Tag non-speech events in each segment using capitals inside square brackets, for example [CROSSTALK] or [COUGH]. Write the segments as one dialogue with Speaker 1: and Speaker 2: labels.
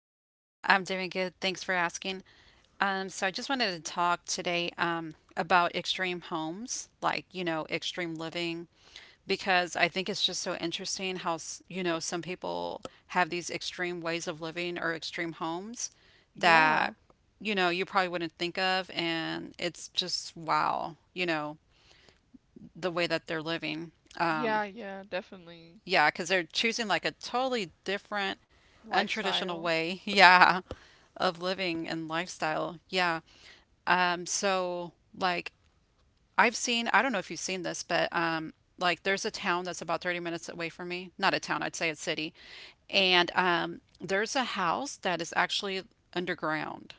Speaker 1: you?
Speaker 2: I'm doing good. Thanks for asking. So I just wanted to talk today about extreme homes, like, you know, extreme living, because I think it's just so interesting how, you know, some people have these extreme ways of living or extreme homes that,
Speaker 1: Yeah.
Speaker 2: you know, you probably wouldn't think of. And it's just wow, you know, the way that they're living.
Speaker 1: Yeah, yeah, definitely.
Speaker 2: Yeah, because they're choosing like a totally different, untraditional
Speaker 1: Lifestyle.
Speaker 2: way, [LAUGHS] yeah, of living and lifestyle. Yeah. So like I've seen, I don't know if you've seen this, but like there's a town that's about 30 minutes away from me. Not a town, I'd say a city. And there's a house that is actually underground.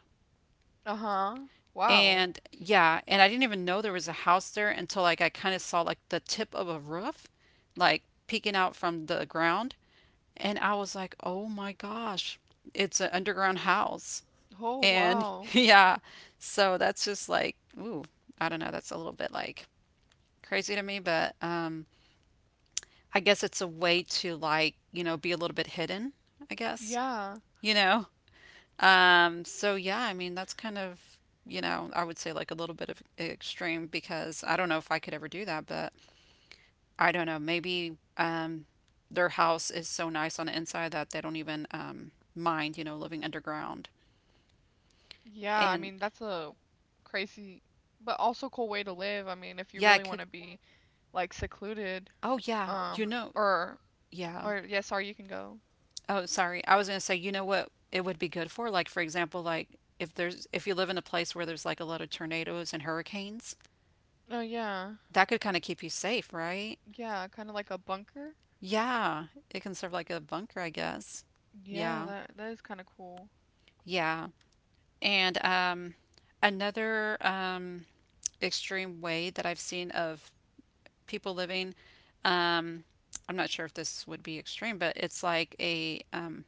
Speaker 1: Uh-huh. Wow.
Speaker 2: And yeah, and I didn't even know there was a house there until like I kind of saw like the tip of a roof, like peeking out from the ground. And I was like, oh my gosh, it's an underground house.
Speaker 1: Oh,
Speaker 2: And
Speaker 1: wow.
Speaker 2: [LAUGHS] yeah, so that's just like, ooh, I don't know. That's a little bit like crazy to me, but I guess it's a way to like, you know, be a little bit hidden, I guess,
Speaker 1: Yeah.
Speaker 2: you know? So yeah, I mean, that's kind of, you know, I would say like a little bit of extreme because I don't know if I could ever do that, but I don't know, maybe their house is so nice on the inside that they don't even mind, you know, living underground.
Speaker 1: Yeah, I mean, that's
Speaker 2: And
Speaker 1: a crazy but also cool way to live. I mean, if you
Speaker 2: yeah,
Speaker 1: really
Speaker 2: I
Speaker 1: want to
Speaker 2: could.
Speaker 1: be like secluded,
Speaker 2: Oh, yeah, you
Speaker 1: um
Speaker 2: know,
Speaker 1: or
Speaker 2: yeah.
Speaker 1: yeah, sorry, you can go.
Speaker 2: Oh, sorry. I was going to say, you know what it would be good for? Like, for example, like if there's, if you live in a place where there's like a lot of tornadoes and hurricanes,
Speaker 1: Oh, yeah.
Speaker 2: that could kind of keep you safe, right?
Speaker 1: Yeah, kind of like a bunker.
Speaker 2: Yeah, it can serve like a bunker, I guess.
Speaker 1: Yeah,
Speaker 2: Yeah,
Speaker 1: that is kind of cool.
Speaker 2: yeah. And another, extreme way that I've seen of people living. Um, I'm not sure if this would be extreme, but it's like a,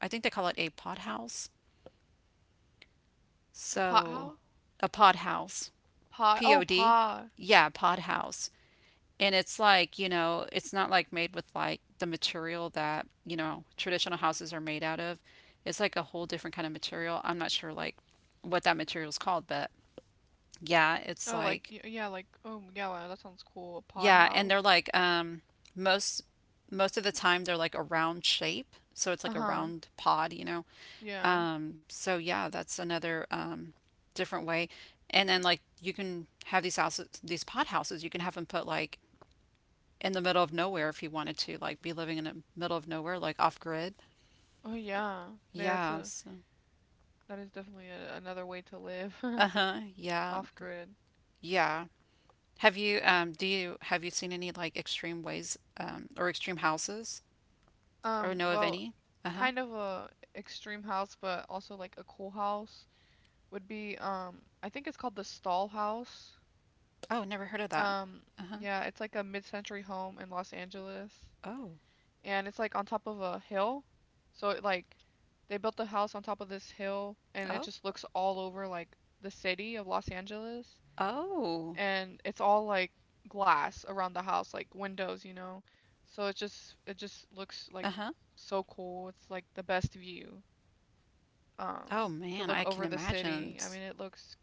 Speaker 2: I think they call it a pod house.
Speaker 1: A pot
Speaker 2: So,
Speaker 1: house?
Speaker 2: a pod house,
Speaker 1: Pod.
Speaker 2: P
Speaker 1: Oh,
Speaker 2: O D,
Speaker 1: pod.
Speaker 2: yeah, pod house. And it's like, you know, it's not like made with like the material that, you know, traditional houses are made out of. It's like a whole different kind of material. I'm not sure like what that material is called, but yeah, it's
Speaker 1: Oh,
Speaker 2: like.
Speaker 1: yeah, oh yeah, wow, that sounds cool. A pod. Yeah.
Speaker 2: Yeah, and they're
Speaker 1: House.
Speaker 2: like most most of the time they're like a round shape, so it's like a
Speaker 1: Uh-huh.
Speaker 2: round pod, you know.
Speaker 1: Yeah.
Speaker 2: So yeah, that's another different way. And then like you can have these houses, these pod houses, you can have them put like in the middle of nowhere if you wanted to, like be living in the middle of nowhere, like off grid.
Speaker 1: Oh yeah. Yeah, that's
Speaker 2: Yeah,
Speaker 1: a
Speaker 2: so
Speaker 1: that is definitely a, another way to live
Speaker 2: uh-huh,
Speaker 1: [LAUGHS]
Speaker 2: yeah.
Speaker 1: off grid.
Speaker 2: Yeah. Have you do you have you seen any like extreme ways or extreme houses or know of
Speaker 1: Well,
Speaker 2: any? Uh huh.
Speaker 1: kind of a extreme house, but also like a cool house would be I think it's called the Stall House.
Speaker 2: Oh, never heard of that.
Speaker 1: Um,
Speaker 2: Uh-huh.
Speaker 1: yeah, it's like a mid-century home in Los Angeles,
Speaker 2: Oh.
Speaker 1: and it's like on top of a hill. So it like they built the house on top of this hill and it
Speaker 2: Oh.
Speaker 1: just looks all over like the city of Los Angeles,
Speaker 2: Oh.
Speaker 1: and it's all like glass around the house, like windows, you know. So it just
Speaker 2: Uh-huh.
Speaker 1: looks like so cool. It's like the best view
Speaker 2: Oh
Speaker 1: um
Speaker 2: man, I
Speaker 1: to look
Speaker 2: can
Speaker 1: over the
Speaker 2: imagine.
Speaker 1: city. I mean, it looks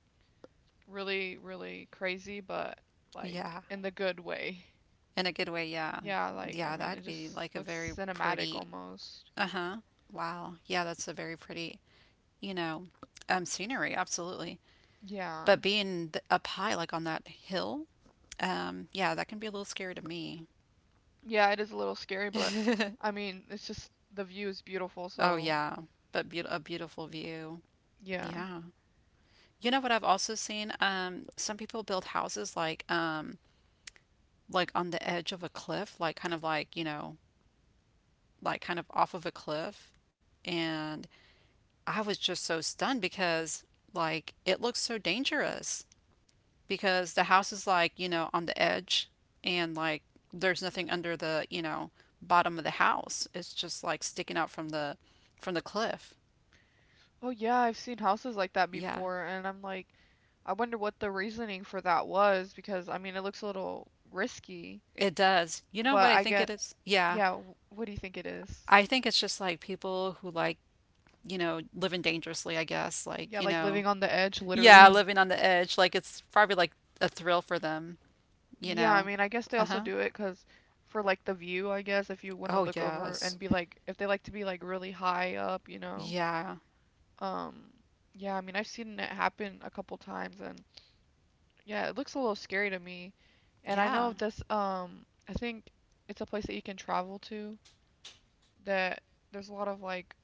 Speaker 1: really really crazy, but like
Speaker 2: Yeah.
Speaker 1: in the good way.
Speaker 2: In a good way, yeah.
Speaker 1: Yeah, like I
Speaker 2: Yeah,
Speaker 1: mean, it
Speaker 2: that'd be
Speaker 1: just
Speaker 2: like a
Speaker 1: looks
Speaker 2: very
Speaker 1: cinematic
Speaker 2: pretty.
Speaker 1: almost.
Speaker 2: Uh-huh. Wow. Yeah, that's a very pretty, you know, scenery, absolutely.
Speaker 1: Yeah.
Speaker 2: But being th up high like on that hill, yeah, that can be a little scary to me.
Speaker 1: Yeah, it is a little scary, but I mean, it's just the view is beautiful,
Speaker 2: Oh
Speaker 1: so
Speaker 2: yeah, but be a beautiful view.
Speaker 1: yeah.
Speaker 2: Yeah. You know what I've also seen? Some people build houses like on the edge of a cliff, like kind of like, you know, like kind of off of a cliff. And I was just so stunned because like it looks so dangerous because the house is like, you know, on the edge and like there's nothing under the, you know, bottom of the house. It's just like sticking out from the cliff.
Speaker 1: Oh yeah, I've seen houses like that
Speaker 2: Yeah.
Speaker 1: before, and I'm like, I wonder what the reasoning for that was because I mean, it looks a little risky,
Speaker 2: It does. You know
Speaker 1: but
Speaker 2: what I
Speaker 1: I
Speaker 2: think it
Speaker 1: get,
Speaker 2: is? Yeah.
Speaker 1: yeah, what do you think it is?
Speaker 2: I think it's just like people who like, you know, living dangerously, I guess, like,
Speaker 1: Yeah,
Speaker 2: you
Speaker 1: like
Speaker 2: know,
Speaker 1: living on the edge,
Speaker 2: yeah,
Speaker 1: literally.
Speaker 2: living on the edge, like it's probably like a thrill for them, you
Speaker 1: Yeah, I
Speaker 2: know.
Speaker 1: mean, I guess they also
Speaker 2: Uh-huh.
Speaker 1: do it 'cause for like the view, I guess, if you want to
Speaker 2: Oh,
Speaker 1: look over
Speaker 2: yes.
Speaker 1: and be like, if they like to be like really high up, you know.
Speaker 2: Yeah.
Speaker 1: Um, yeah, I mean, I've seen it happen a couple times, and yeah, it looks a little scary to me. And I know
Speaker 2: Yeah.
Speaker 1: this, I think it's a place that you can travel to that there's a lot of like,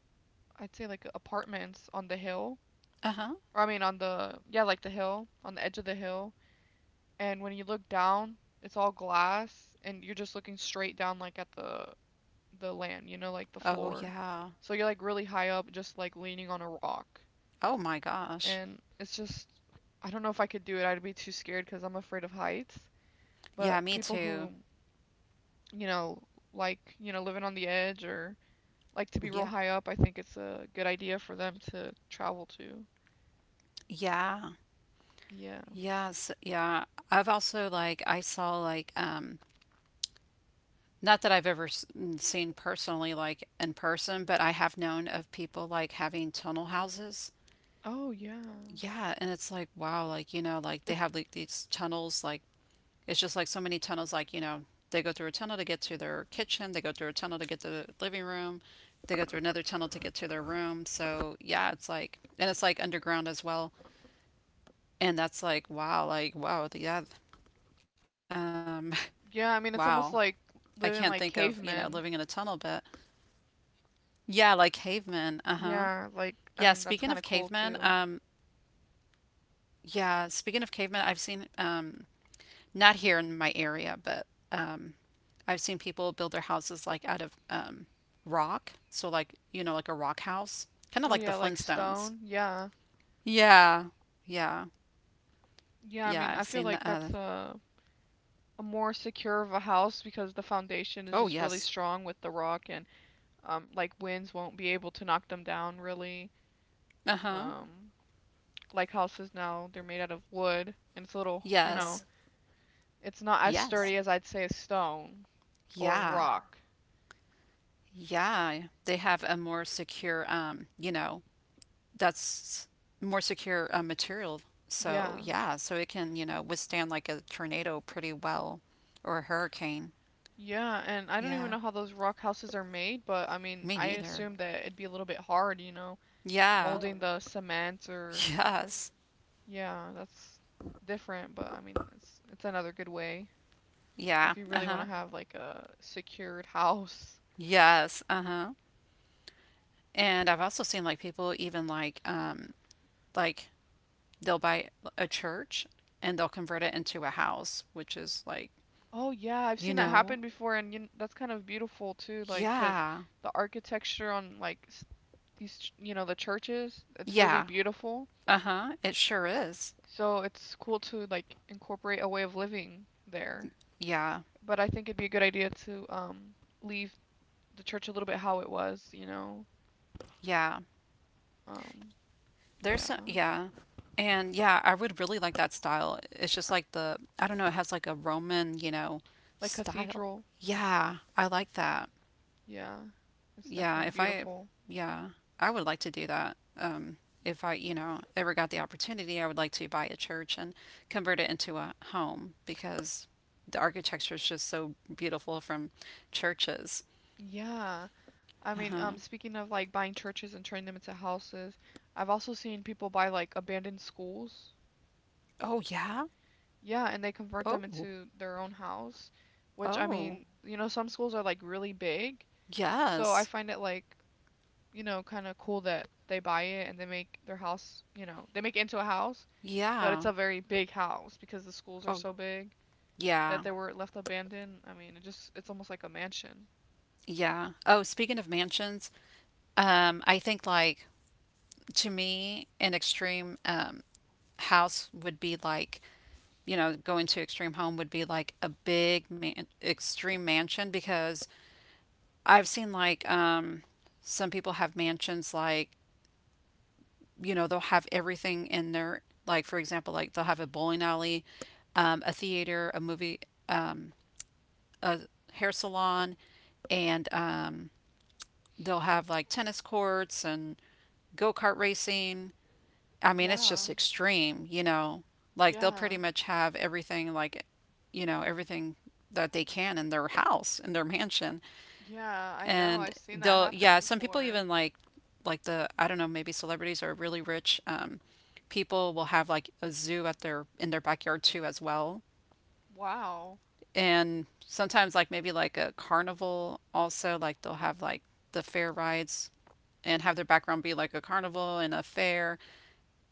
Speaker 1: I'd say like apartments on the hill,
Speaker 2: Uh-huh.
Speaker 1: or I mean on the, yeah, like the hill, on the edge of the hill. And when you look down, it's all glass, and you're just looking straight down like at the land, you know, like the
Speaker 2: Oh,
Speaker 1: floor.
Speaker 2: yeah.
Speaker 1: So you're like really high up, just like leaning on a rock,
Speaker 2: Oh my gosh.
Speaker 1: and it's just I don't know if I could do it. I'd be too scared because I'm afraid of heights. But
Speaker 2: Yeah, me
Speaker 1: people
Speaker 2: too.
Speaker 1: who, you know, like, you know, living on the edge or like to be real
Speaker 2: Yeah.
Speaker 1: high up, I think it's a good idea for them to travel to.
Speaker 2: Yeah.
Speaker 1: Yeah.
Speaker 2: Yes. Yeah. I've also like I saw like not that I've ever mm, seen personally like in person, but I have known of people like having tunnel houses.
Speaker 1: Oh, yeah.
Speaker 2: Yeah, and it's like wow, like you know, like they
Speaker 1: It's
Speaker 2: have like these tunnels like. It's just like so many tunnels, like, you know, they go through a tunnel to get to their kitchen, they go through a tunnel to get to the living room, they go through another tunnel to get to their room. So, yeah, it's like, and it's like underground as well. And that's like, wow, yeah, um,
Speaker 1: yeah, I
Speaker 2: [LAUGHS]
Speaker 1: mean, it's almost
Speaker 2: wow.
Speaker 1: like
Speaker 2: I
Speaker 1: living
Speaker 2: can't
Speaker 1: like
Speaker 2: think of, you know,
Speaker 1: cavemen.
Speaker 2: living in a tunnel, but yeah, like cavemen. Uh huh.
Speaker 1: Yeah, like I
Speaker 2: Yeah,
Speaker 1: mean, that's
Speaker 2: speaking
Speaker 1: kind of
Speaker 2: of
Speaker 1: cool
Speaker 2: cavemen,
Speaker 1: too.
Speaker 2: yeah, speaking of cavemen, I've seen, not here in my area, but um, I've seen people build their houses like out of rock. So, like, you know, like a rock house, kind of
Speaker 1: Oh
Speaker 2: like the
Speaker 1: yeah, like
Speaker 2: Flintstones.
Speaker 1: stone. Yeah.
Speaker 2: Yeah. Yeah.
Speaker 1: Yeah, I mean,
Speaker 2: Yeah.
Speaker 1: I
Speaker 2: I've
Speaker 1: feel
Speaker 2: seen
Speaker 1: like
Speaker 2: the.
Speaker 1: that's a a more secure of a house because the foundation is
Speaker 2: Oh,
Speaker 1: just really
Speaker 2: yes.
Speaker 1: strong with the rock. And Um, like winds won't be able to knock them down really.
Speaker 2: Uh huh.
Speaker 1: Um, like houses now, they're made out of wood and it's a little, you Yeah.
Speaker 2: Yes.
Speaker 1: know, it's not as Yeah.
Speaker 2: Yes.
Speaker 1: sturdy as I'd say a stone or Yeah.
Speaker 2: Yeah.
Speaker 1: rock.
Speaker 2: Yeah. They have a more secure, you know, that's more secure material. So,
Speaker 1: Yeah.
Speaker 2: yeah. So it can, you know, withstand like a tornado pretty well or a hurricane.
Speaker 1: Yeah, and I don't even
Speaker 2: Yeah.
Speaker 1: know how those rock houses are made, but I mean,
Speaker 2: Me
Speaker 1: I
Speaker 2: neither.
Speaker 1: assume that it'd be a little bit hard, you know. Oh yeah,
Speaker 2: Yeah.
Speaker 1: molding the cement or
Speaker 2: [LAUGHS] Yes.
Speaker 1: yeah, that's different, but I mean, it's another good way
Speaker 2: Yeah.
Speaker 1: if you really want
Speaker 2: Uh-huh.
Speaker 1: to have like a secured [LAUGHS] house.
Speaker 2: Yes. Uh-huh. And I've also seen like people even like they'll buy a church and they'll convert it into a house, which is like,
Speaker 1: Oh yeah, I've
Speaker 2: you
Speaker 1: seen that
Speaker 2: know,
Speaker 1: happen before, and you, that's kind of beautiful too, like 'cause
Speaker 2: yeah.
Speaker 1: the architecture on these, you know, the churches, it's really
Speaker 2: Yeah.
Speaker 1: beautiful.
Speaker 2: Uh-huh. It sure is.
Speaker 1: So it's cool to like incorporate a way of living there.
Speaker 2: Yeah.
Speaker 1: But I think it'd be a good idea to leave the church a little bit how it was, you know.
Speaker 2: Yeah.
Speaker 1: Um,
Speaker 2: There's
Speaker 1: yeah,
Speaker 2: some yeah. And yeah, I would really like that style. It's just like the I don't know, it has like a Roman, you know,
Speaker 1: like
Speaker 2: style.
Speaker 1: cathedral.
Speaker 2: Yeah, I like that.
Speaker 1: Yeah, it's
Speaker 2: Yeah,
Speaker 1: definitely
Speaker 2: if I,
Speaker 1: beautiful.
Speaker 2: yeah, I would like to do that. If I, you know, ever got the opportunity, I would like to buy a church and convert it into a home because the architecture is just so beautiful from churches.
Speaker 1: Yeah. I mean,
Speaker 2: Uh-huh.
Speaker 1: speaking of like buying churches and turning them into houses, I've also seen people buy like abandoned schools.
Speaker 2: Oh, yeah.
Speaker 1: Yeah, and they convert them
Speaker 2: Oh,
Speaker 1: into their own house, which I
Speaker 2: oh,
Speaker 1: mean, you know, some schools are like really big, so I
Speaker 2: yes.
Speaker 1: find it like, you know, kind of cool that they buy it and they make their house, you know, they make it into a house, but it's
Speaker 2: Yeah.
Speaker 1: a very big house because the schools are
Speaker 2: Oh,
Speaker 1: so big that
Speaker 2: yeah.
Speaker 1: they were left abandoned. I mean, it just it's almost like a mansion.
Speaker 2: Yeah. Oh, speaking of mansions, I think like to me, an extreme house would be like you know, going to extreme home would be like a big extreme mansion because I've seen like some people have mansions like you know they'll have everything in their like for example like they'll have a bowling alley, a theater, a movie, a hair salon, and they'll have like tennis courts and go kart racing. I mean, it's
Speaker 1: Yeah.
Speaker 2: just extreme, you know. Like they'll
Speaker 1: Yeah.
Speaker 2: pretty much have everything like you know, everything that they can in their house, in their mansion.
Speaker 1: Yeah, I know. I've
Speaker 2: And
Speaker 1: seen that
Speaker 2: they'll
Speaker 1: happen
Speaker 2: yeah, some people
Speaker 1: before.
Speaker 2: even like the I don't know, maybe celebrities or really rich people will have like a zoo at their in their backyard too as well.
Speaker 1: Wow.
Speaker 2: And sometimes like maybe like a carnival also like they'll have like the fair rides and have their background be like a carnival and a fair,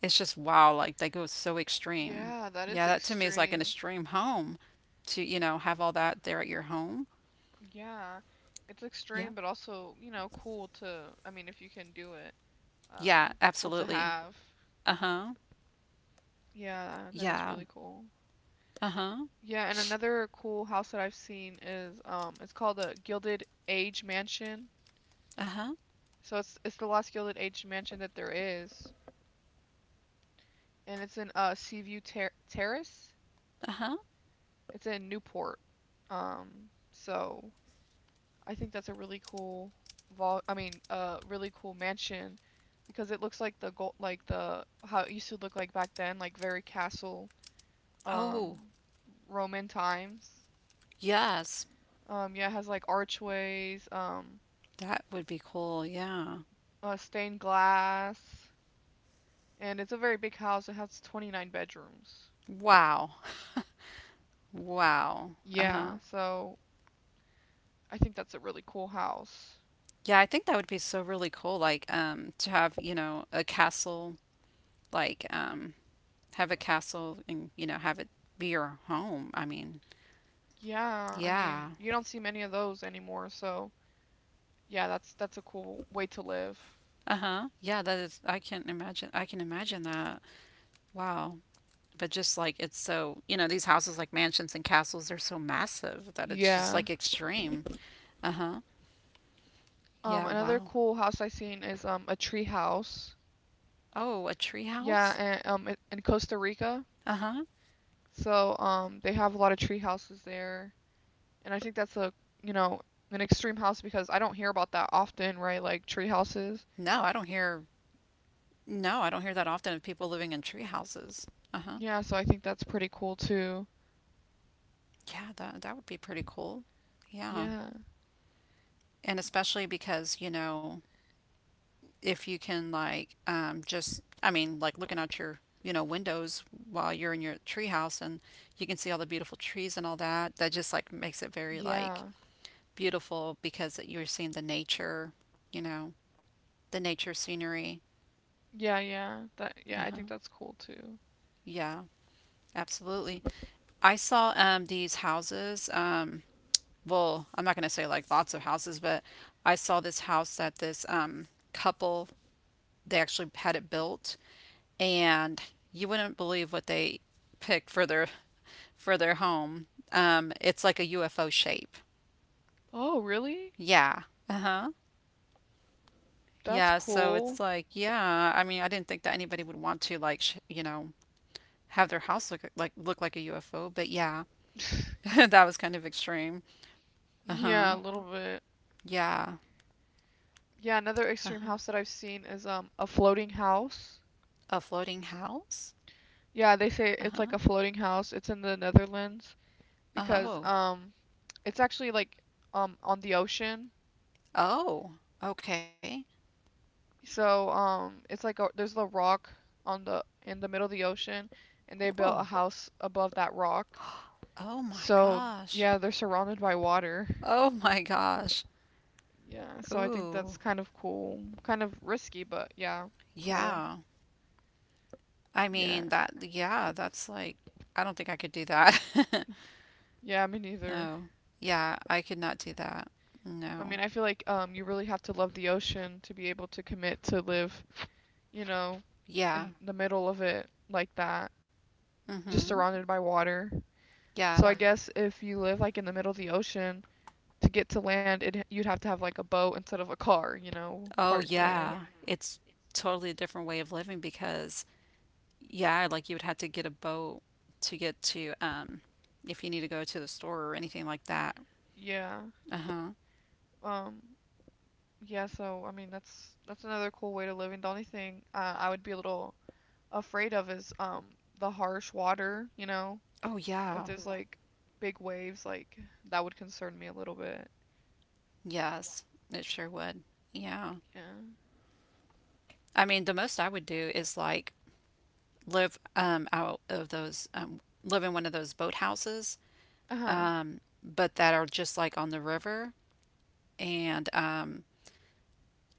Speaker 2: it's just wow, like they go so extreme.
Speaker 1: Yeah, that
Speaker 2: Yeah,
Speaker 1: is
Speaker 2: that to me is like an
Speaker 1: extreme.
Speaker 2: extreme home to, you know, have all that there at your home.
Speaker 1: Yeah, it's
Speaker 2: Yeah.
Speaker 1: extreme, but also, you know, cool to, I mean, if you can do it,
Speaker 2: Yeah,
Speaker 1: um, cool to
Speaker 2: absolutely.
Speaker 1: have.
Speaker 2: Uh-huh.
Speaker 1: Yeah, that is
Speaker 2: Yeah.
Speaker 1: really cool.
Speaker 2: Uh-huh.
Speaker 1: Yeah, and another cool house that I've seen is, it's called the Gilded Age Mansion.
Speaker 2: Uh-huh.
Speaker 1: So it's the last Gilded Age mansion that there is, and it's in Seaview Terrace.
Speaker 2: Uh-huh.
Speaker 1: It's in Newport. So I think that's a really cool vol I mean a really cool mansion because it looks like the gold like the how it used to look like back then like very castle
Speaker 2: Oh,
Speaker 1: um Roman times.
Speaker 2: yes.
Speaker 1: Um, yeah, it has like archways, um,
Speaker 2: That would be cool. Yeah.
Speaker 1: stained glass, and it's a very big house. It has 29 bedrooms.
Speaker 2: Wow. Wow. Uh-huh.
Speaker 1: Yeah, so I think that's a really cool house.
Speaker 2: Yeah, I think that would be so really cool, like to have, you know, a castle, like have a castle and, you know, have it be your home. I mean,
Speaker 1: Yeah, I mean,
Speaker 2: yeah.
Speaker 1: you don't see many of those anymore, so yeah, that's a cool way to live.
Speaker 2: Uh-huh. Yeah, that is, I can imagine that. Wow. But just like it's so, you know, these houses like mansions and castles, they're so massive that it's just
Speaker 1: Yeah.
Speaker 2: like extreme. Uh-huh. Yeah,
Speaker 1: Another
Speaker 2: wow.
Speaker 1: cool house I seen is a tree house.
Speaker 2: Oh, a tree
Speaker 1: Yeah,
Speaker 2: house?
Speaker 1: and in Costa Rica.
Speaker 2: Uh-huh.
Speaker 1: So they have a lot of tree houses there, and I think that's a you know an extreme house because I don't hear about that often, right? Like tree houses.
Speaker 2: No, I don't hear, no, I don't hear that often of people living in tree houses. Uh-huh.
Speaker 1: Yeah, so I think that's pretty cool too.
Speaker 2: Yeah, that that would be pretty cool. Yeah.
Speaker 1: Yeah,
Speaker 2: And especially because, you know, if you can like just I mean like looking out your you know windows while you're in your treehouse and you can see all the beautiful trees and all that that just like makes it very like
Speaker 1: yeah,
Speaker 2: beautiful because you're seeing the nature you know the nature scenery,
Speaker 1: yeah, yeah. That yeah, I
Speaker 2: uh-huh,
Speaker 1: think that's cool too.
Speaker 2: yeah, absolutely. I saw these houses well I'm not going to say like lots of houses but I saw this house that this couple they actually had it built, and you wouldn't believe what they picked for their home. It's like a UFO shape.
Speaker 1: Oh, really?
Speaker 2: Yeah. Uh huh.
Speaker 1: That's
Speaker 2: Yeah. So it's
Speaker 1: cool.
Speaker 2: like, yeah. I mean, I didn't think that anybody would want to like, you know, have their house look like a UFO, but yeah,
Speaker 1: [LAUGHS]
Speaker 2: [LAUGHS] that was kind of extreme. Uh huh.
Speaker 1: Yeah, a little bit.
Speaker 2: Yeah.
Speaker 1: Yeah, another
Speaker 2: Uh
Speaker 1: extreme
Speaker 2: huh.
Speaker 1: house that I've seen is a floating house.
Speaker 2: A floating house.
Speaker 1: Yeah, they say
Speaker 2: Uh
Speaker 1: it's like
Speaker 2: huh.
Speaker 1: a floating house. It's in the Netherlands because
Speaker 2: Oh.
Speaker 1: it's actually like on the ocean.
Speaker 2: Oh, okay.
Speaker 1: So it's like a, there's a rock on the in the middle of the ocean and they built
Speaker 2: Whoa.
Speaker 1: a house above that rock.
Speaker 2: Oh my
Speaker 1: So
Speaker 2: gosh.
Speaker 1: yeah, they're surrounded by water.
Speaker 2: Oh my gosh.
Speaker 1: Yeah, so I think that's
Speaker 2: Ooh,
Speaker 1: kind of cool. Kind of risky, but yeah, cool.
Speaker 2: yeah. I
Speaker 1: Yeah.
Speaker 2: mean that yeah, that's like I don't think I could do that. [LAUGHS]
Speaker 1: Yeah, me neither.
Speaker 2: No. Yeah, I could not do that.
Speaker 1: I mean,
Speaker 2: No.
Speaker 1: I feel like you really have to love the ocean to be able to commit to live you know,
Speaker 2: Yeah.
Speaker 1: in the middle of it like that, just
Speaker 2: Mm-hmm.
Speaker 1: surrounded by water.
Speaker 2: Yeah.
Speaker 1: So I guess if you live like in the middle of the ocean, to get to land, it you'd have to have like a boat instead of a car, you know,
Speaker 2: Oh
Speaker 1: parked there.
Speaker 2: yeah. It's totally a different way of living because yeah, like you would have to get a boat to get to if you need to go to the store or anything like that.
Speaker 1: Yeah.
Speaker 2: Uh-huh.
Speaker 1: Um, yeah, so I mean that's another cool way to live and the only thing I would be a little afraid of is the harsh water, you know,
Speaker 2: Oh
Speaker 1: if
Speaker 2: yeah.
Speaker 1: there's like big waves like that would concern me a little bit.
Speaker 2: Yes. It sure would. Yeah.
Speaker 1: Yeah.
Speaker 2: I mean, the most I would do is like live out of those live in one of those boat houses,
Speaker 1: Uh-huh.
Speaker 2: but that are just like on the river and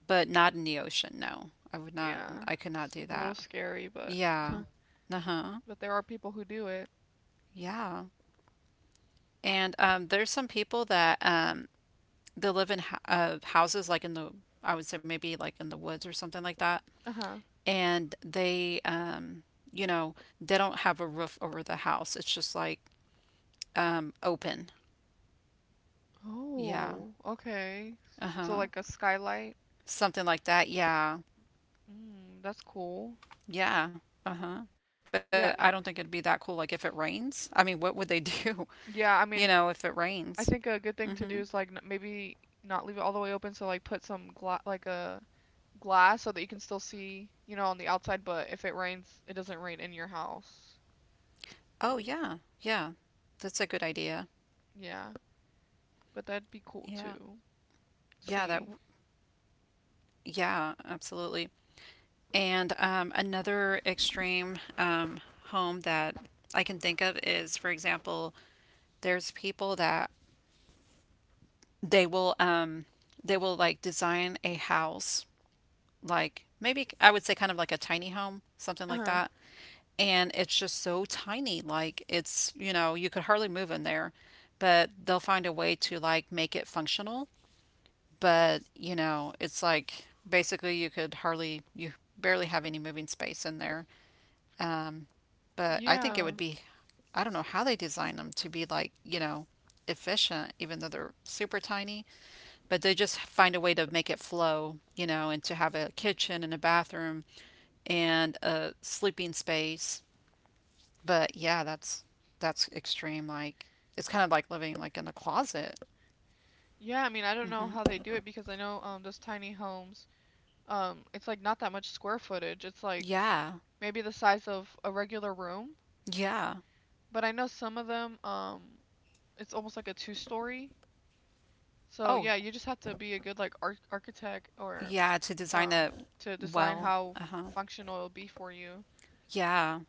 Speaker 2: but not in the ocean. No, I would not.
Speaker 1: Yeah,
Speaker 2: I could not
Speaker 1: it's
Speaker 2: do
Speaker 1: a little
Speaker 2: that.
Speaker 1: scary, but
Speaker 2: Yeah.
Speaker 1: Yeah.
Speaker 2: Uh huh.
Speaker 1: But there are people who do it.
Speaker 2: Yeah. And There's some people that they live in houses like in the I would say maybe like in the woods or something like that,
Speaker 1: Uh-huh.
Speaker 2: and they you know they don't have a roof over the house. It's just like open. Yeah.
Speaker 1: Oh, okay.
Speaker 2: Uh
Speaker 1: So
Speaker 2: huh.
Speaker 1: like a skylight.
Speaker 2: Something like that. Yeah.
Speaker 1: Mm, that's cool.
Speaker 2: Yeah. Uh-huh. But
Speaker 1: Yeah,
Speaker 2: I don't think it'd be that cool like if it rains. I mean, what would they do,
Speaker 1: yeah. I
Speaker 2: [LAUGHS] you
Speaker 1: mean,
Speaker 2: know, if it
Speaker 1: I
Speaker 2: rains?
Speaker 1: think a good thing to do
Speaker 2: Mm-hmm.
Speaker 1: is like n maybe not leave it all the way open. So like put some gla like a glass so that you can still see, you know, on the outside. But if it rains, it doesn't rain in your house.
Speaker 2: Oh, yeah. Yeah. That's a good idea.
Speaker 1: Yeah, but that'd be cool
Speaker 2: Yeah.
Speaker 1: too.
Speaker 2: Yeah, that
Speaker 1: See.
Speaker 2: w- yeah, absolutely. And Another extreme home that I can think of is, for example, there's people that they will um, they will like design a house like maybe I would say kind of like a tiny home, something like
Speaker 1: Uh-huh.
Speaker 2: that. And it's just so tiny. Like it's, you know, you could hardly move in there, but they'll find a way to like make it functional. But, you know, it's like basically you barely have any moving space in there. But I think it
Speaker 1: Yeah,
Speaker 2: would
Speaker 1: Yeah.
Speaker 2: be, I don't know how they design them to be like, you know, efficient, even though they're super tiny, but they just find a way to make it flow, you know, and to have a kitchen and a bathroom and a sleeping space. But yeah, that's extreme. Like it's kind of like living like in the closet.
Speaker 1: Yeah, I mean, I don't know how they do it because I know those tiny homes, it's like not that much square footage. It's like
Speaker 2: Yeah.
Speaker 1: maybe the size of a regular room,
Speaker 2: Yeah.
Speaker 1: but I know some of them it's almost like a two-story. So
Speaker 2: Oh,
Speaker 1: yeah, you just have to be a good like architect or
Speaker 2: yeah, to design
Speaker 1: um
Speaker 2: a
Speaker 1: to design
Speaker 2: well.
Speaker 1: how
Speaker 2: Uh-huh.
Speaker 1: functional it'll be for you.
Speaker 2: Yeah.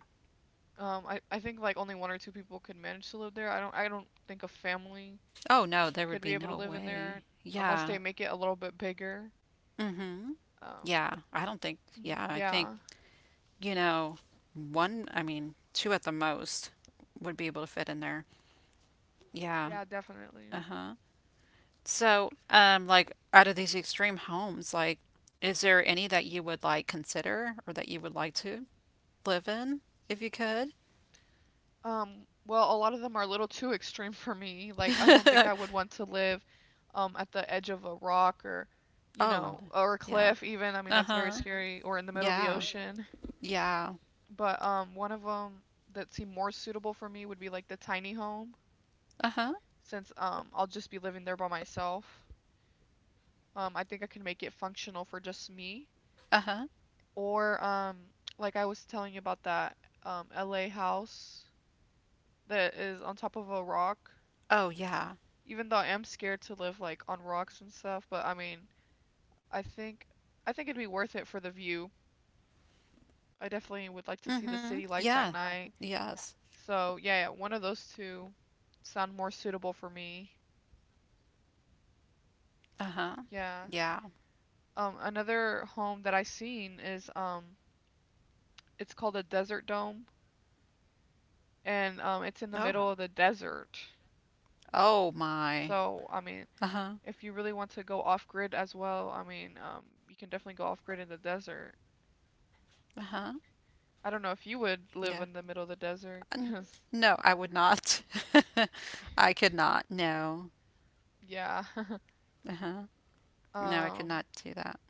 Speaker 1: I think like only one or two people could manage to live there. I don't think a family
Speaker 2: Oh no, there would
Speaker 1: could be
Speaker 2: be
Speaker 1: able to
Speaker 2: no
Speaker 1: live in there
Speaker 2: way.
Speaker 1: unless
Speaker 2: Yeah.
Speaker 1: they make it a little bit bigger.
Speaker 2: Mm-hmm.
Speaker 1: Um
Speaker 2: Yeah. I don't think yeah,
Speaker 1: [CLEARS THROAT]
Speaker 2: I think,
Speaker 1: yeah.
Speaker 2: you know, one I mean, two at the most would be able to fit in there. Yeah.
Speaker 1: Yeah, definitely.
Speaker 2: Uh-huh. So, like out of these extreme homes, like is there any that you would like consider or that you would like to live in if you could?
Speaker 1: Well, a lot of them are a little too extreme for me. Like, I don't think I would
Speaker 2: [LAUGHS]
Speaker 1: want to live at the edge of a rock or, you
Speaker 2: Oh,
Speaker 1: know,
Speaker 2: n-
Speaker 1: or a
Speaker 2: yeah.
Speaker 1: cliff even. I mean, that's very
Speaker 2: Uh-huh.
Speaker 1: scary, or in the middle of the
Speaker 2: Yeah.
Speaker 1: ocean.
Speaker 2: Yeah.
Speaker 1: But one of them that seemed more suitable for me would be like the tiny home,
Speaker 2: Uh-huh.
Speaker 1: since I'll just be living there by myself. I think I can make it functional for just me.
Speaker 2: Uh-huh.
Speaker 1: Or like I was telling you about that LA house that is on top of a rock.
Speaker 2: Oh, yeah.
Speaker 1: Even though I am scared to live like on rocks and stuff, but I mean, I think I think it'd be worth it for the view. I definitely would
Speaker 2: Mm-hmm.
Speaker 1: like to see the
Speaker 2: Yeah.
Speaker 1: city lights at night.
Speaker 2: Yes.
Speaker 1: So, yeah, yeah, one of those two sound more suitable for me.
Speaker 2: Uh-huh.
Speaker 1: Yeah.
Speaker 2: Yeah.
Speaker 1: Another home that I seen is it's called a desert dome and it's in the
Speaker 2: Oh.
Speaker 1: middle of the desert.
Speaker 2: Oh my.
Speaker 1: So, I mean,
Speaker 2: Uh-huh.
Speaker 1: if you really want to go off grid as well, I mean, you can definitely go off grid in the desert.
Speaker 2: Uh-huh.
Speaker 1: I don't know if you would live
Speaker 2: Yeah.
Speaker 1: in the middle of the desert [LAUGHS]
Speaker 2: N-
Speaker 1: 'cause
Speaker 2: No, I would not. [LAUGHS] I could not. No.
Speaker 1: yeah. [LAUGHS]
Speaker 2: Uh-huh. No, I could
Speaker 1: Um,
Speaker 2: not do that.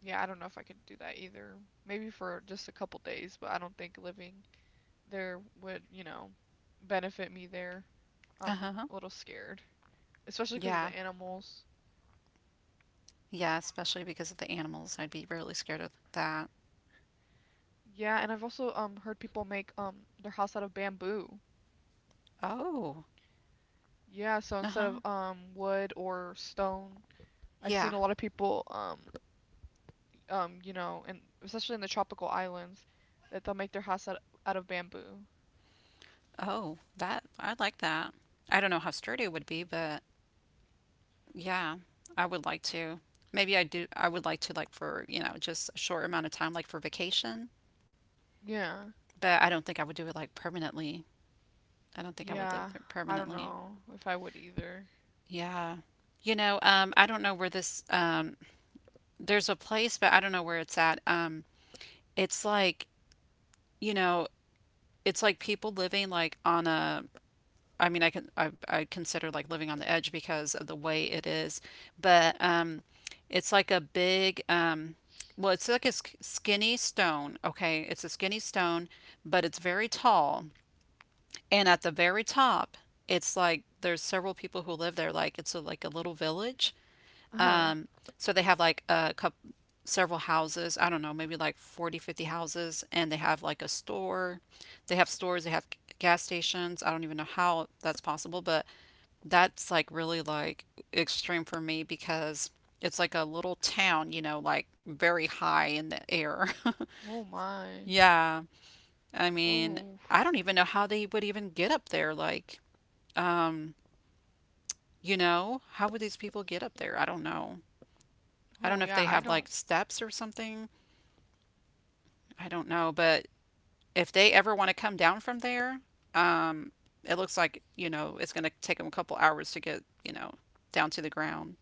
Speaker 1: yeah, I don't know if I could do that either. Maybe for just a couple days, but I don't think living there would benefit me there. I'm
Speaker 2: Uh-huh.
Speaker 1: a little scared, especially because of
Speaker 2: Yeah.
Speaker 1: the animals.
Speaker 2: Yeah, especially because of the animals. I'd be really scared of that.
Speaker 1: Yeah, and I've also heard people make their house out of bamboo.
Speaker 2: Oh.
Speaker 1: Yeah, so instead
Speaker 2: Uh-huh.
Speaker 1: of wood or stone, I've seen
Speaker 2: Yeah.
Speaker 1: a lot of people and especially in the tropical islands, that they'll make their house out of bamboo.
Speaker 2: Oh, that I like that. I don't know how sturdy it would be, but yeah, I would like to. Maybe I would like to like for, you know, just a short amount of time like for vacation,
Speaker 1: Yeah.
Speaker 2: but I don't think I would do it like permanently. I don't think I would live
Speaker 1: Yeah,
Speaker 2: there
Speaker 1: I don't
Speaker 2: permanently.
Speaker 1: know if I would either.
Speaker 2: Yeah. You know, I don't know where there's a place, but I don't know where it's at. It's like, you know, it's like people living like on a I consider like living on the edge because of the way it is but it's like a big well it's like a skinny stone, okay, it's a skinny stone but it's very tall, and at the very top it's like there's several people who live there, like like a little village,
Speaker 1: Uh-huh.
Speaker 2: so they have like a couple, several houses. I don't know, maybe like 40, 50 houses, and they have like a store. They have stores, they have gas stations. I don't even know how that's possible, but that's like really like extreme for me because it's like a little town, you know, like very high in the air. [LAUGHS]
Speaker 1: Oh my.
Speaker 2: Yeah. I mean,
Speaker 1: Oh.
Speaker 2: I don't even know how they would even get up there. Like, you know, how would these people get up there? I don't know. I
Speaker 1: Oh
Speaker 2: don't know if they
Speaker 1: yeah, I
Speaker 2: have like
Speaker 1: don't.
Speaker 2: steps or something. I don't know, but if they ever want to come down from there, um, it looks like you know it's going to take them a couple hours to get, you know, down to the ground.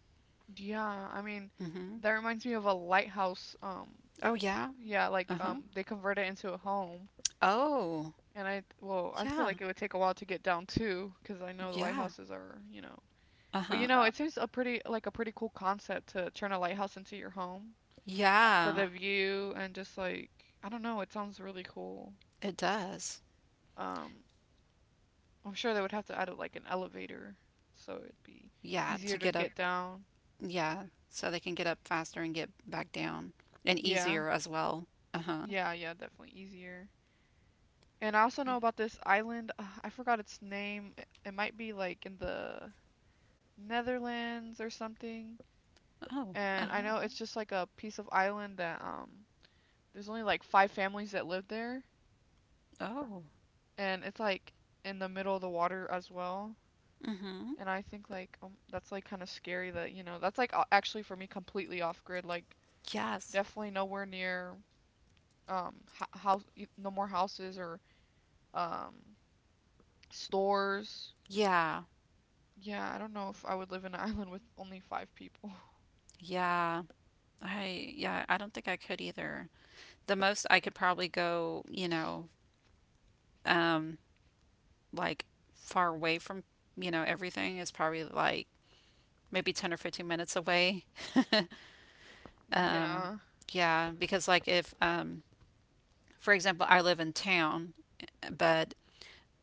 Speaker 1: Yeah, I mean,
Speaker 2: hmm
Speaker 1: that reminds me of a lighthouse.
Speaker 2: Oh yeah.
Speaker 1: Yeah,
Speaker 2: Uh
Speaker 1: like
Speaker 2: huh.
Speaker 1: they convert it into a home,
Speaker 2: Oh
Speaker 1: and I feel
Speaker 2: yeah.
Speaker 1: like it would take a while to get down too, because I know the
Speaker 2: Yeah.
Speaker 1: lighthouses are, you know.
Speaker 2: Uh
Speaker 1: But you
Speaker 2: huh.
Speaker 1: know, it seems a pretty like a pretty cool concept to turn a lighthouse into your home for
Speaker 2: Yeah.
Speaker 1: the view and just like I don't know, it sounds really cool.
Speaker 2: It does.
Speaker 1: Um. I'm sure they would have to add like an elevator, so it'd be
Speaker 2: Yeah. To
Speaker 1: easier to
Speaker 2: get up.
Speaker 1: get down.
Speaker 2: Yeah. So they can get up faster and get back down and
Speaker 1: Yeah,
Speaker 2: easier as well. Uh huh.
Speaker 1: yeah, yeah, definitely easier. And I also know
Speaker 2: Yeah.
Speaker 1: about this island. I forgot its name. It might be like in the Netherlands or something.
Speaker 2: Oh. Uh
Speaker 1: And I
Speaker 2: huh.
Speaker 1: know it's just like a piece of island that there's only like five families that live there,
Speaker 2: Oh.
Speaker 1: and it's like in the middle of the water as well.
Speaker 2: Mm-hmm.
Speaker 1: And I think like that's like kind of scary that you know that's like actually for me completely off grid like
Speaker 2: Yes.
Speaker 1: definitely nowhere near house no more houses or um stores.
Speaker 2: Yeah.
Speaker 1: Yeah, I don't know if I would live in an [LAUGHS] island with only five people. [LAUGHS]
Speaker 2: Yeah. I don't think I could either. The most I could probably go, you know, um, like far away from, you know, everything is probably like maybe 10 or 15 minutes away. [LAUGHS] um,
Speaker 1: Yeah.
Speaker 2: yeah, because like if, for example, I live in town, but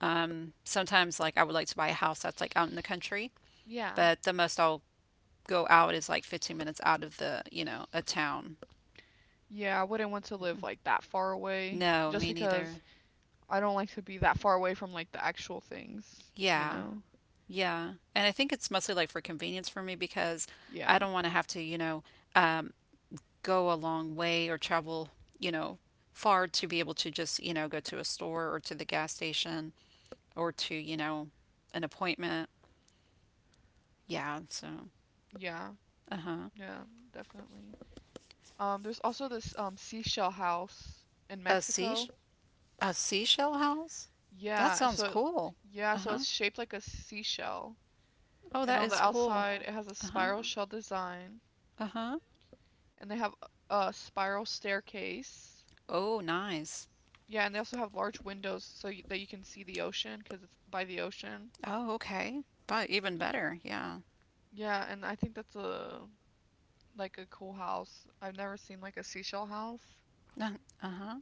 Speaker 2: sometimes like I would like to buy a house that's like out in the country,
Speaker 1: Yeah.
Speaker 2: but the most I'll go out is like 15 minutes out of the, you know, a town.
Speaker 1: Yeah, I wouldn't want to live like that far away
Speaker 2: No,
Speaker 1: just
Speaker 2: me neither.
Speaker 1: because I don't like to be that far away from like the actual things, you
Speaker 2: Yeah.
Speaker 1: know?
Speaker 2: Yeah. And I think it's mostly like for convenience for me because
Speaker 1: Yeah.
Speaker 2: I don't want to have to, you know, um, go a long way or travel, you know, far to be able to just, you know, go to a store or to the gas station or to, you know, an appointment. Yeah. So,
Speaker 1: Yeah.
Speaker 2: uh-huh.
Speaker 1: Yeah, definitely. There's also this seashell house in
Speaker 2: A sea
Speaker 1: Mexico.
Speaker 2: a seashell house? That
Speaker 1: Yeah,
Speaker 2: sounds
Speaker 1: so
Speaker 2: cool. Uh-huh.
Speaker 1: it's shaped like a seashell.
Speaker 2: Oh,
Speaker 1: And
Speaker 2: that
Speaker 1: on the
Speaker 2: is cool.
Speaker 1: outside, it has a
Speaker 2: Uh-huh.
Speaker 1: spiral shell design,
Speaker 2: Uh-huh.
Speaker 1: and they have a spiral staircase.
Speaker 2: Oh, nice.
Speaker 1: Yeah, and they also have large windows that you can see the ocean because it's by the ocean.
Speaker 2: Oh, okay. But even better. Yeah.
Speaker 1: Yeah, and I think that's a like a cool house. I've never seen like a seashell house,
Speaker 2: [LAUGHS] Uh-huh.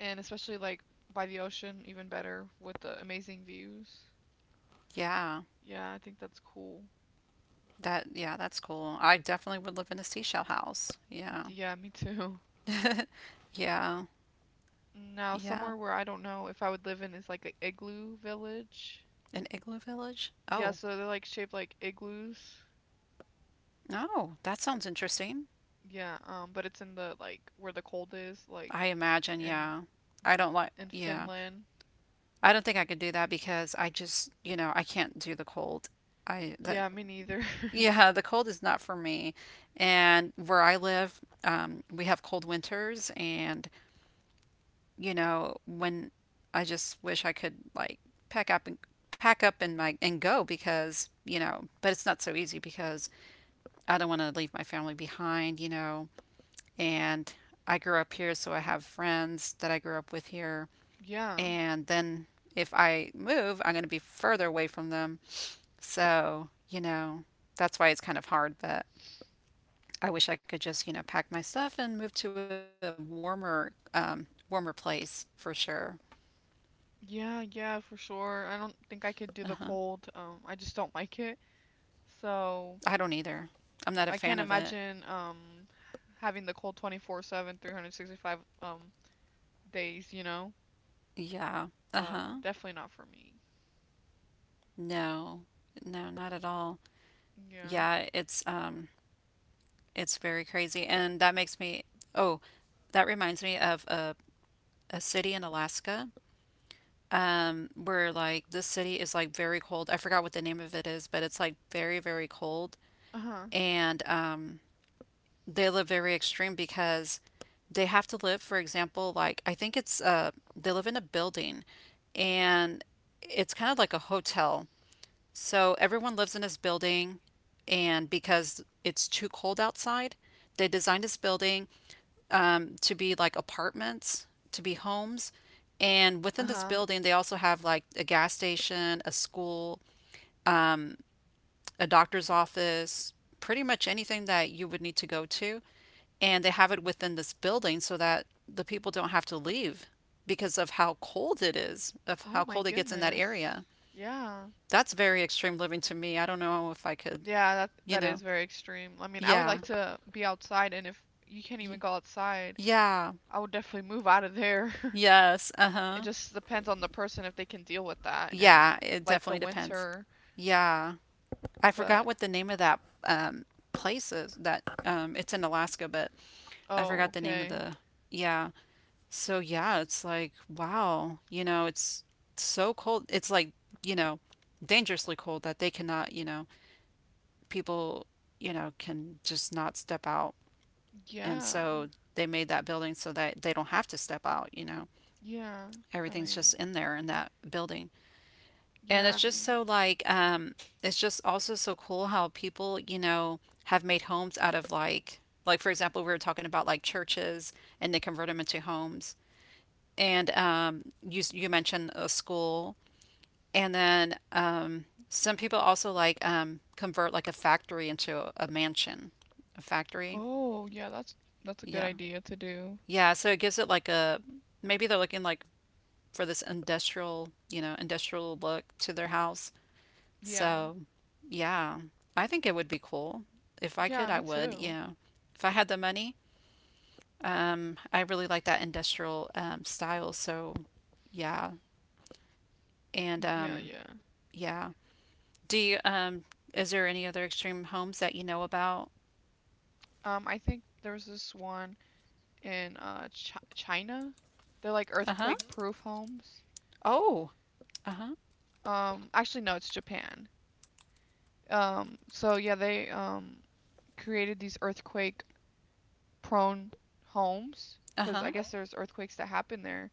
Speaker 1: and especially like by the ocean, even better with the amazing views.
Speaker 2: Yeah.
Speaker 1: Yeah, I think that's cool.
Speaker 2: That's cool. I definitely would live in a seashell house. Yeah.
Speaker 1: Yeah, me too. [LAUGHS]
Speaker 2: [LAUGHS] Yeah.
Speaker 1: Now,
Speaker 2: Yeah.
Speaker 1: somewhere where I don't know if I would live in is like an igloo village.
Speaker 2: An igloo village?
Speaker 1: Yeah,
Speaker 2: Oh.
Speaker 1: so they're like shaped like igloos.
Speaker 2: Oh, that sounds interesting.
Speaker 1: Yeah, but it's in the like where the cold is, like
Speaker 2: I imagine,
Speaker 1: in
Speaker 2: yeah. I don't like
Speaker 1: in
Speaker 2: yeah.
Speaker 1: Finland.
Speaker 2: I don't think I could do that because I just, you know, I can't do the cold. I that
Speaker 1: Yeah, me neither.
Speaker 2: [LAUGHS]
Speaker 1: [LAUGHS]
Speaker 2: yeah, the cold is not for me. And where I live, we have cold winters and you know, when I just wish I could like pack up and pack up and go because you know but it's not so easy because I don't want to leave my family behind, you know, and I grew up here so I have friends that I grew up with here,
Speaker 1: Yeah.
Speaker 2: and then if I move I'm going to be further away from them, so you know that's why it's kind of hard but I wish I could just, you know, pack my stuff and move to a warmer place for sure.
Speaker 1: Yeah, yeah, for sure. I don't think I could
Speaker 2: Uh-huh.
Speaker 1: do the cold. I just don't like it. So
Speaker 2: I don't either. I'm not a
Speaker 1: I can't
Speaker 2: fan of it.
Speaker 1: imagine having the cold 24/7, 365 days, you know?
Speaker 2: Yeah. Uh-huh.
Speaker 1: Definitely not for me.
Speaker 2: No. No, not at all.
Speaker 1: Yeah.
Speaker 2: Yeah, it's um it's very crazy and that makes me oh, that reminds me of a city in Alaska where like this city is like very cold. I forgot what the name of it is, but it's like very very cold
Speaker 1: Uh-huh.
Speaker 2: and they live very extreme because they have to live, for example, like I think it's they live in a building and it's kind of like a hotel. So everyone lives in this building and because it's too cold outside, they designed this building to be like apartments, to be homes. And within this
Speaker 1: Uh-huh.
Speaker 2: building, they also have like a gas station, a school, a doctor's office, pretty much anything that you would need to go to. And they have it within this building so that the people don't have to leave because of how cold it is, of
Speaker 1: Oh
Speaker 2: how
Speaker 1: my
Speaker 2: cold it gets in that
Speaker 1: goodness.
Speaker 2: area.
Speaker 1: Yeah.
Speaker 2: That's very extreme living to me. I don't know if I could,
Speaker 1: Yeah, that
Speaker 2: you
Speaker 1: that is
Speaker 2: know.
Speaker 1: very extreme. I mean, I would
Speaker 2: Yeah.
Speaker 1: like to be outside, and if you can't even
Speaker 2: Y-
Speaker 1: go outside,
Speaker 2: Yeah.
Speaker 1: I would definitely move out of there. [LAUGHS]
Speaker 2: Yes.
Speaker 1: It
Speaker 2: Uh-huh.
Speaker 1: just depends on the person if they can deal with that and
Speaker 2: Yeah, it
Speaker 1: like the
Speaker 2: definitely depends.
Speaker 1: winter.
Speaker 2: Yeah. I forgot
Speaker 1: But
Speaker 2: what the name of that um, place is. That it's in Alaska, but I
Speaker 1: oh,
Speaker 2: forgot the name of
Speaker 1: okay.
Speaker 2: the yeah. So yeah, it's like wow, you know, it's so cold. It's like you know, dangerously cold that they cannot, you know, people, you know, can just not step out. And
Speaker 1: Yeah.
Speaker 2: so they made that building so that they don't have to step out. You know,
Speaker 1: Yeah. I
Speaker 2: everything's just
Speaker 1: mean,
Speaker 2: in there in that building. And it's
Speaker 1: yeah, I
Speaker 2: just
Speaker 1: mean.
Speaker 2: so it's just also so cool how people, you know, have made homes out of like for example, we were talking about like churches and they convert them into homes. And you mentioned a school and then some people also convert like a factory into a mansion. A factory?
Speaker 1: Oh, yeah, that's a good
Speaker 2: Yeah.
Speaker 1: idea to do.
Speaker 2: Yeah, so it gives it like a maybe they're looking like for this industrial, you know, industrial look to their house.
Speaker 1: Yeah.
Speaker 2: So, yeah, I think it would be cool. If I
Speaker 1: Yeah,
Speaker 2: could, I
Speaker 1: me
Speaker 2: would.
Speaker 1: too.
Speaker 2: Yeah. If I had the money, I really like that industrial style. So, yeah. And
Speaker 1: Yeah, yeah.
Speaker 2: yeah. Do you, is there any other extreme homes that you know about?
Speaker 1: I think there was this one in Ch China. They're like
Speaker 2: Uh-huh.
Speaker 1: earthquake proof homes.
Speaker 2: Oh, uh-huh.
Speaker 1: Actually, no, it's Japan. So yeah, they created these earthquake-prone homes because I
Speaker 2: Uh-huh.
Speaker 1: guess there's earthquakes that happen there,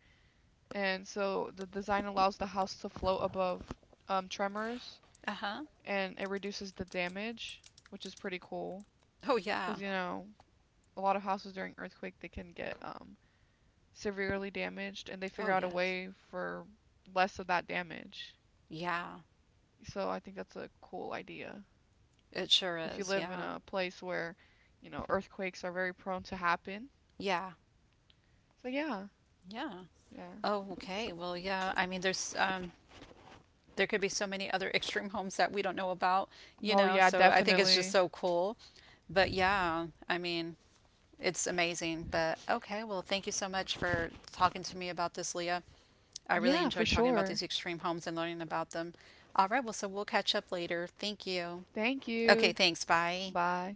Speaker 1: and so the design allows the house to float above tremors
Speaker 2: Uh-huh.
Speaker 1: and it reduces the damage, which is pretty cool
Speaker 2: Oh, yeah.
Speaker 1: because you know a lot of houses during earthquake they can get severely damaged, and they figure
Speaker 2: Oh,
Speaker 1: out a
Speaker 2: yes.
Speaker 1: way for less of that damage.
Speaker 2: Yeah.
Speaker 1: So I think that's a cool idea.
Speaker 2: It sure
Speaker 1: If you
Speaker 2: is.
Speaker 1: live in
Speaker 2: Yeah.
Speaker 1: a place where, you know, earthquakes are very prone to happen.
Speaker 2: Yeah.
Speaker 1: So yeah,
Speaker 2: Yeah.
Speaker 1: yeah.
Speaker 2: Oh, okay. Well, yeah. I mean, there could be so many other extreme homes that we don't know about, you
Speaker 1: Oh
Speaker 2: know.
Speaker 1: yeah,
Speaker 2: So I think it's just
Speaker 1: definitely.
Speaker 2: so cool. But yeah, I mean, it's amazing. But okay, well, thank you so much for talking to me about this, Leah. I really
Speaker 1: Yeah, for
Speaker 2: enjoyed talking about
Speaker 1: sure.
Speaker 2: these extreme homes and learning about them. All right, well, so we'll catch up later. Thank you.
Speaker 1: Thank
Speaker 2: Okay,
Speaker 1: you.
Speaker 2: thanks. Bye.
Speaker 1: Bye.